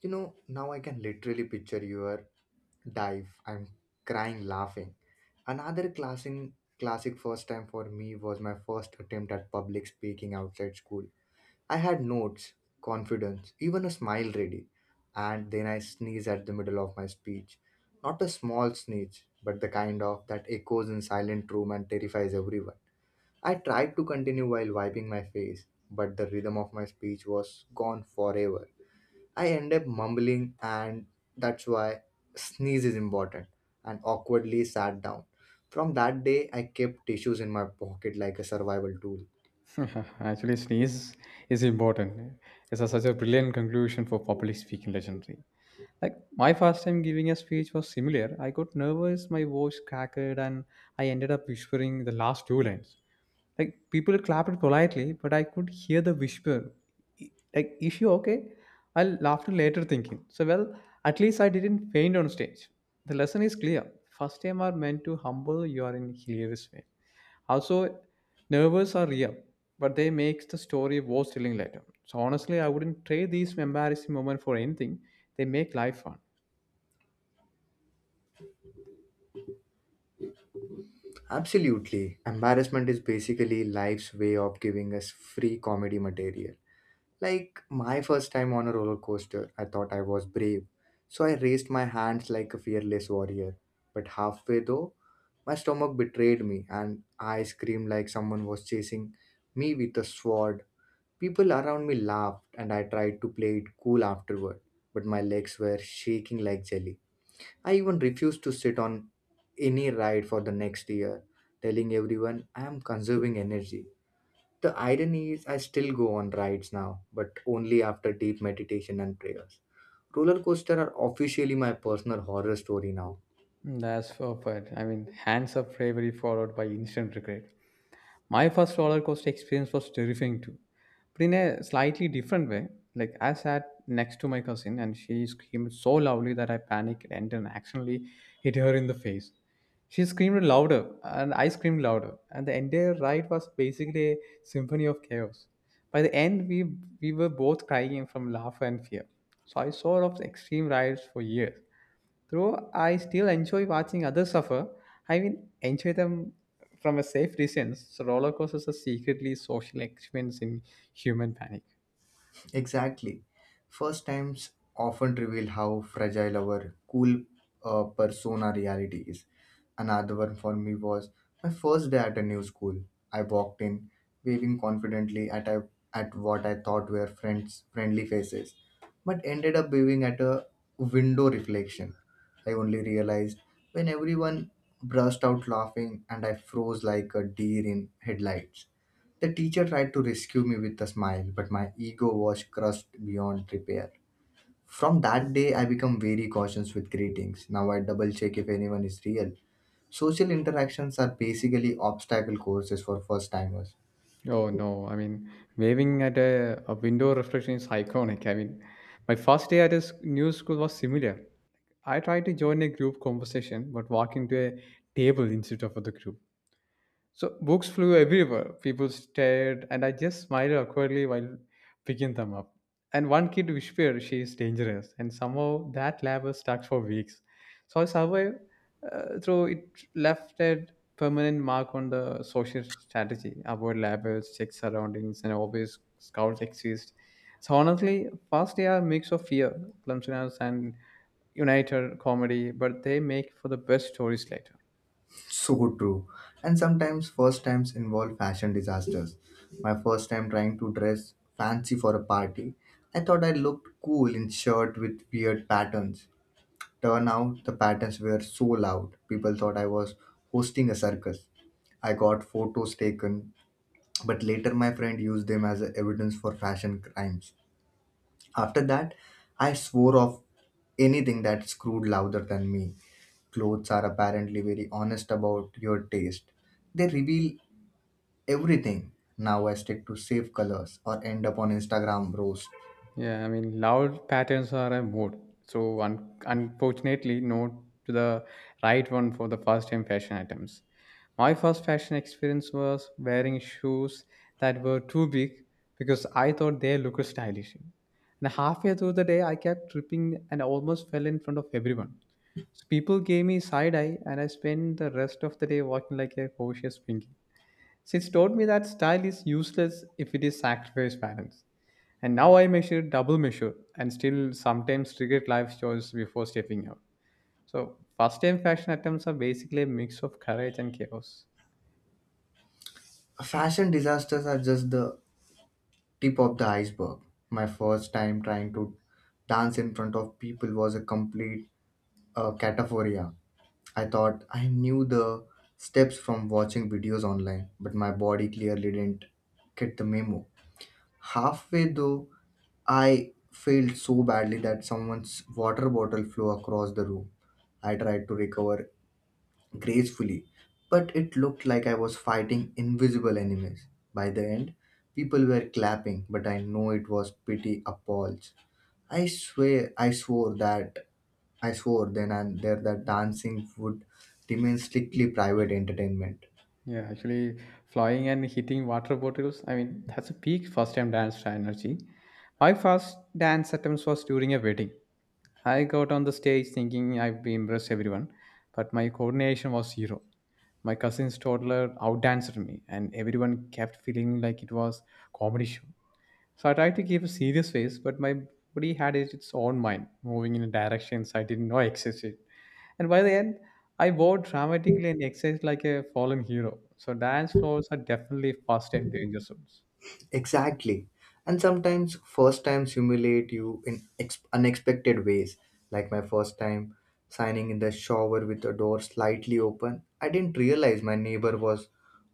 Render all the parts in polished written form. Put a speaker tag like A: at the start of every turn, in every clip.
A: You know, now I can literally picture your dive. I'm crying laughing. Another classic first time for me was my first attempt at public speaking outside school. I had notes, confidence, even a smile ready. And then I sneeze at the middle of my speech. Not a small sneeze, but the kind of that echoes in silent room and terrifies everyone. I tried to continue while wiping my face, but the rhythm of my speech was gone forever. I end up mumbling, and that's why sneeze is important, and awkwardly sat down. From that day, I kept tissues in my pocket like a survival tool.
B: Actually, sneeze is important. Such a brilliant conclusion for public speaking legendary. Like my first time giving a speech was similar. I got nervous, my voice cracked, and I ended up whispering the last two lines. Like people clapped politely, but I could hear the whisper. "I- Like, is she okay? I'll laughter later thinking. So well, at least I didn't faint on stage. The lesson is clear. First time are meant to humble you are in hilarious way. Also, nervous are real, but they makes the story worth telling later. So honestly, I wouldn't trade these embarrassing moment for anything. They make life fun.
A: Absolutely. Embarrassment is basically life's way of giving us free comedy material. Like my first time on a roller coaster, I thought I was brave. So I raised my hands like a fearless warrior. But halfway though, my stomach betrayed me and I screamed like someone was chasing me with a sword. People around me laughed, and I tried to play it cool afterward, but my legs were shaking like jelly. I even refused to sit on any ride for the next year, telling everyone I am conserving energy. The irony is, I still go on rides now, but only after deep meditation and prayers. Roller coaster are officially my personal horror story now.
B: That's perfect. I mean, hands up bravery followed by instant regret. My first roller coaster experience was terrifying too, but in a slightly different way. Like I sat next to my cousin and she screamed so loudly that I panicked and then accidentally hit her in the face. She screamed louder and I screamed louder, and the entire ride was basically a symphony of chaos. By the end, we were both crying from laughter and fear. So I saw of extreme rides for years, though I still enjoy watching others suffer, I will enjoy them from a safe distance. So roller coasters are secretly social experiments in human panic.
A: Exactly. First times often reveal how fragile our cool persona reality is. Another one for me was my first day at a new school. I walked in, waving confidently at what I thought were friends friendly faces, but ended up waving at a window reflection. I only realized when everyone burst out laughing and I froze like a deer in headlights. The teacher tried to rescue me with a smile, but my ego was crushed beyond repair. From that day, I become very cautious with greetings. Now I double check if anyone is real. Social interactions are basically obstacle courses for first timers.
B: Oh no, I mean, waving at a window reflection is iconic. I mean, my first day at a new school was similar. I tried to join a group conversation, but walked into a table instead of the group. So books flew everywhere. People stared, and I just smiled awkwardly while picking them up. And one kid whispered, "She is dangerous," and somehow that laugh was stuck for weeks. So I survived through it, left a permanent mark on the social strategy. Avoid labels, check surroundings, and always scouts exist. So honestly, first they are a mix of fear, clumsiness, and united comedy, but they make for the best stories later.
A: So true. And sometimes first times involve fashion disasters. My first time trying to dress fancy for a party, I thought I looked cool in shirt with weird patterns. Turnout, the patterns were so loud, people thought I was hosting a circus. I got photos taken, but later my friend used them as evidence for fashion crimes. After that, I swore off anything that screwed louder than me. Clothes are apparently very honest about your taste. They reveal everything. Now I stick to safe colors or end up on Instagram roast.
B: Yeah, I mean, loud patterns are a mood. So, unfortunately, no to the right one for the first time fashion items. My first fashion experience was wearing shoes that were too big because I thought they looked stylish. And halfway through the day, I kept tripping and almost fell in front of everyone. So people gave me side eye, and I spent the rest of the day walking like a cautious pinky. Since taught me that style is useless if it is sacrificed balance. And now I measure, double measure, and still sometimes regret life choices before stepping out. So, first time fashion attempts are basically a mix of courage and chaos.
A: Fashion disasters are just the tip of the iceberg. My first time trying to dance in front of people was a complete cataphoria. I thought I knew the steps from watching videos online, but my body clearly didn't get the memo. Halfway though, I failed so badly that someone's water bottle flew across the room. I tried to recover gracefully, but it looked like I was fighting invisible enemies. By the end, people were clapping, but I know it was pity appalls. I swear I swore that I swore then and there that dancing would remain strictly private entertainment.
B: Yeah, actually, flying and hitting water bottles, I mean, that's a peak first time dance energy. My first dance attempt was during a wedding. I got on the stage thinking I'd be impress everyone, but my coordination was zero. My cousin's toddler outdanced me, and everyone kept feeling like it was comedy show. So I tried to keep a serious face, but my body its own mind, moving in directions I didn't know existed. And by the end, I wore dramatically and exercised like a fallen hero. So dance floors are definitely fast and danger zones.
A: Exactly. And sometimes first times humiliate you in unexpected ways. Like my first time signing in the shower with the door slightly open, I didn't realize my neighbor was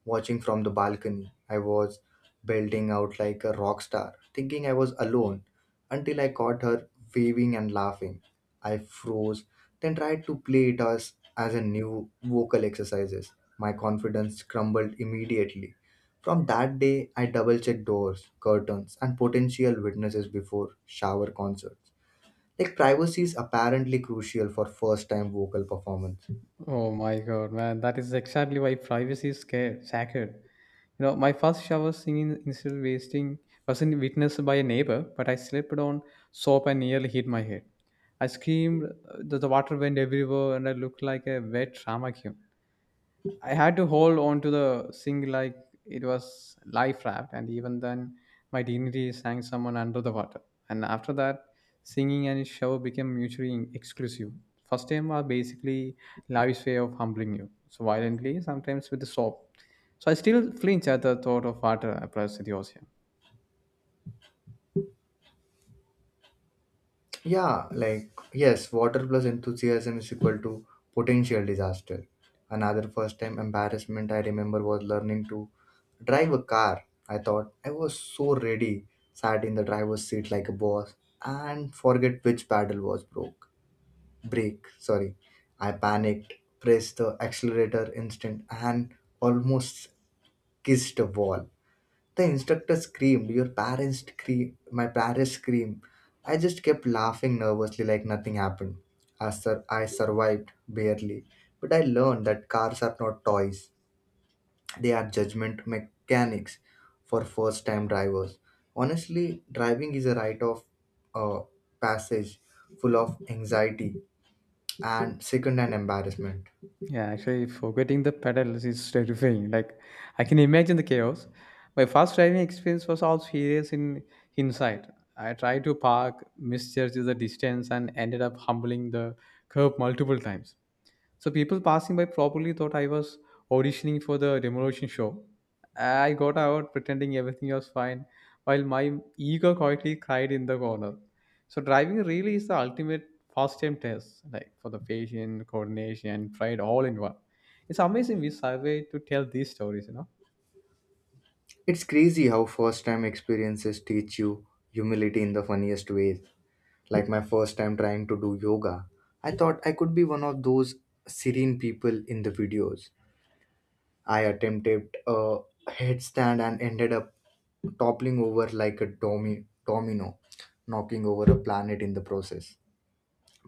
A: watching from the balcony. I was belting out like a rock star, thinking I was alone until I caught her waving and laughing. I froze, then tried to play it as a new vocal exercises. My confidence crumbled immediately. From that day, I double check doors, curtains, and potential witnesses before shower concerts. Like privacy is apparently crucial for first time vocal performance.
B: Oh my god, man, that is exactly why privacy is scared, sacred. You know, my first shower singing instead of wasting wasn't witnessed by a neighbor, but I slipped on soap and nearly hit my head. I screamed, the water went everywhere, and I looked like a wet drama queen. I had to hold on to the sink like it was life raft, and even then, my dignity sank someone under the water. And after that, singing and shower became mutually exclusive. First time are basically life's way of humbling you, so violently, sometimes with a sob. So I still flinch at the thought of water across the ocean.
A: Yeah, like yes, water plus enthusiasm is equal to potential disaster. Another first time embarrassment I remember was learning to drive a car. I thought I was so ready, sat in the driver's seat like a boss, and forget which paddle was broke. Brake, sorry. I panicked, pressed the accelerator instant and almost kissed a wall. The instructor screamed, your parents scream, my parents scream. I just kept laughing nervously like nothing happened. I survived barely, but I learned that cars are not toys. They are judgment mechanics for first time drivers. Honestly, driving is a rite of uh, passage, full of anxiety and second an embarrassment.
B: Yeah, actually, forgetting the pedals is terrifying. Like, I can imagine the chaos. My first driving experience was also serious in hindsight. I tried to park, misjudged the distance, and ended up humbling the curb multiple times. So people passing by probably thought I was auditioning for the demolition show. I got out pretending everything was fine while my ego quietly cried in the corner. So driving really is the ultimate first time test, like for the patient, coordination, and pride all in one. It's amazing we survey to tell these stories, you know.
A: It's crazy how first time experiences teach you humility in the funniest ways. Like my first time trying to do yoga, I thought I could be one of those serene people in the videos. I attempted a headstand and ended up toppling over like a domino, knocking over a planet in the process.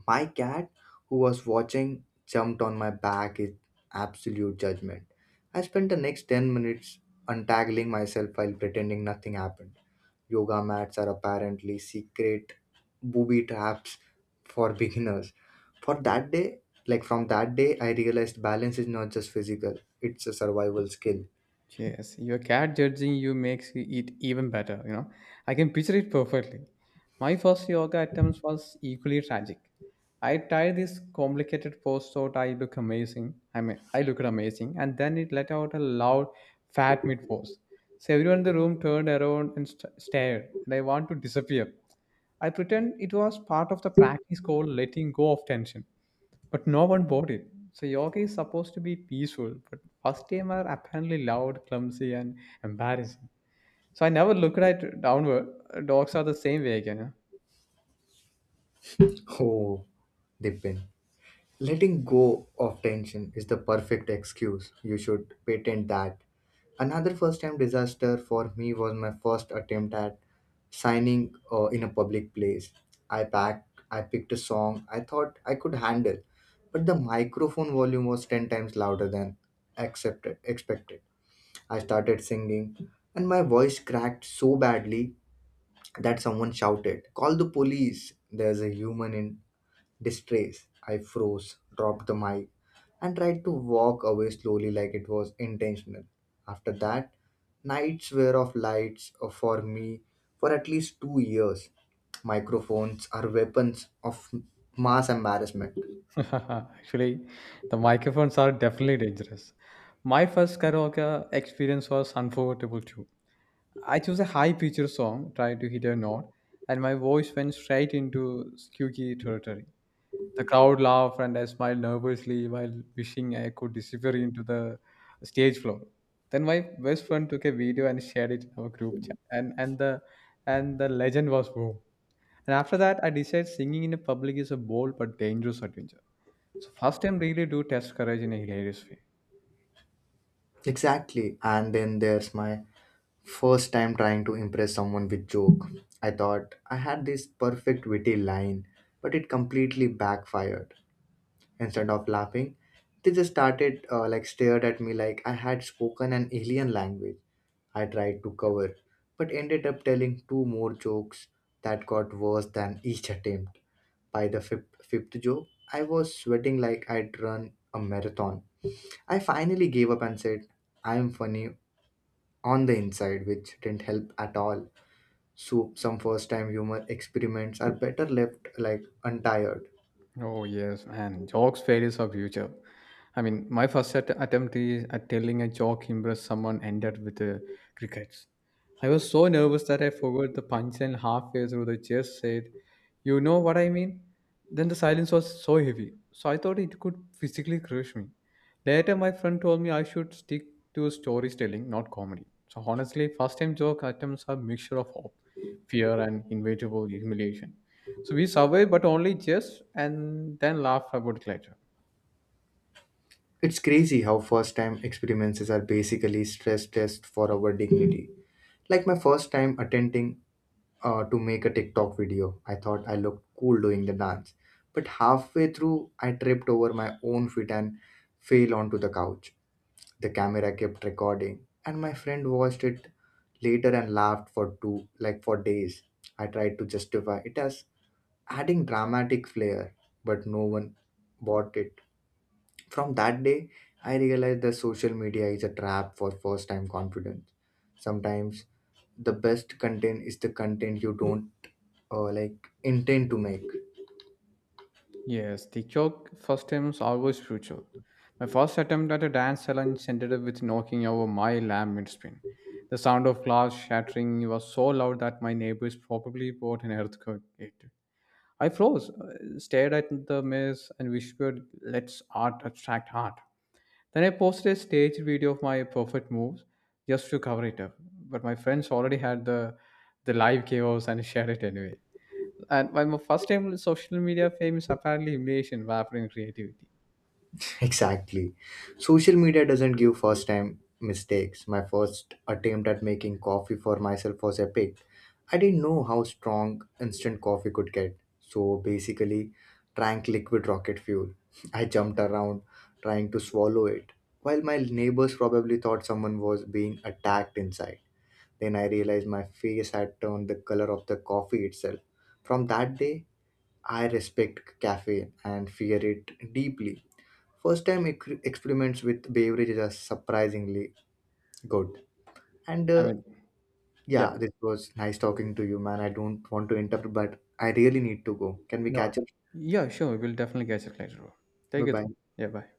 A: My cat, who was watching, jumped on my back in absolute judgment. I spent the next 10 minutes untangling myself while pretending nothing happened. Yoga mats are apparently secret booby traps for beginners. For that day, like from that day, I realized balance is not just physical, it's a survival skill.
B: Yes, your cat judging you makes it even better, you know. I can picture it perfectly. My first yoga attempt was equally tragic. I tried this complicated pose thought I look amazing. I mean, I looked amazing, and then it let out a loud, fat mid pose. So everyone in the room turned around and stared, and I want to disappear. I pretend it was part of the practice called letting go of tension. But no one bought it. So yoga is supposed to be peaceful, but first timer apparently loud, clumsy, and embarrassing. So I never looked at downward. Dogs are the same way again.
A: Oh, Dipin. Letting go of tension is the perfect excuse. You should patent that. Another first time disaster for me was my first attempt at signing in a public place. I picked a song I thought I could handle, but the microphone volume was 10 times louder than expected. I started singing, and my voice cracked so badly that someone shouted, "Call the police! There's a human in distress." I froze, dropped the mic, and tried to walk away slowly like it was intentional. After that, nights were of lights for me for at least 2 years. Microphones are weapons of mass embarrassment.
B: Huh? Actually, the microphones are definitely dangerous. My first karaoke experience was unforgettable too. I chose a high pitched song, tried to hit a note, and my voice went straight into squeaky territory. The crowd laughed, and I smiled nervously while wishing I could disappear into the stage floor. Then my best friend took a video and shared it in our group chat, and the legend was born. And after that, I decided singing in a public is a bold but dangerous adventure. So first time really do test courage in a hilarious way.
A: Exactly. And then there's my first time trying to impress someone with joke. I thought I had this perfect witty line, but it completely backfired. Instead of laughing, they just started like stared at me like I had spoken an alien language. I tried to cover, but ended up telling two more jokes that got worse than each attempt. By the fifth joke, I was sweating like I'd run a marathon. I finally gave up and said, I'm funny on the inside, which didn't help at all. So, some first time humor experiments are better left like untired.
B: Oh yes, and jokes fail is our future. I mean, my first attempt is at telling a joke impressed someone ended with regrets. I was so nervous that I forgot the punchline halfway through. The just said, "You know what I mean?" Then the silence was so heavy, so I thought it could physically crush me. Later, my friend told me I should stick to storytelling, not comedy. So honestly, first-time joke attempts are a mixture of hope, fear, and inevitable humiliation. So we survived, but only just, and then laughed about it later.
A: It's crazy how first time experiences are basically stress tests for our dignity. Like my first time attempting to make a TikTok video, I thought I looked cool doing the dance. But halfway through, I tripped over my own feet and fell onto the couch. The camera kept recording, and my friend watched it later and laughed for two, like for days. I tried to justify it as adding dramatic flair, but no one bought it. From that day, I realized that social media is a trap for first time confidence. Sometimes the best content is the content you don't uh, like intend to make.
B: Yes, the joke first time was always brutal. My first attempt at a dance challenge ended up with knocking over my lamp mid-spin. The sound of glass shattering was so loud that my neighbors probably bought an earthquake. I froze, stared at the maze, and whispered, "Let's art attract art." Then I posted a staged video of my perfect moves just to cover it up. But my friends already had the live chaos and shared it anyway. And my first time with social media fame is apparently humiliation wrapping creativity.
A: Exactly. Social media doesn't give first time mistakes. My first attempt at making coffee for myself was epic. I didn't know how strong instant coffee could get. So basically, drank liquid rocket fuel. I jumped around trying to swallow it, while my neighbors probably thought someone was being attacked inside. Then I realized my face had turned the color of the coffee itself. From that day, I respect caffeine and fear it deeply. First time experiments with beverages are surprisingly good. And
B: I mean, yeah,
A: yeah, this was nice talking to you, man. I don't want to interrupt, but I really need to go. Can we
B: no,
A: catch up?
B: yeah, sure. We'll definitely catch it later on.
A: Bye
B: Take it.
A: bye.
B: Yeah, bye.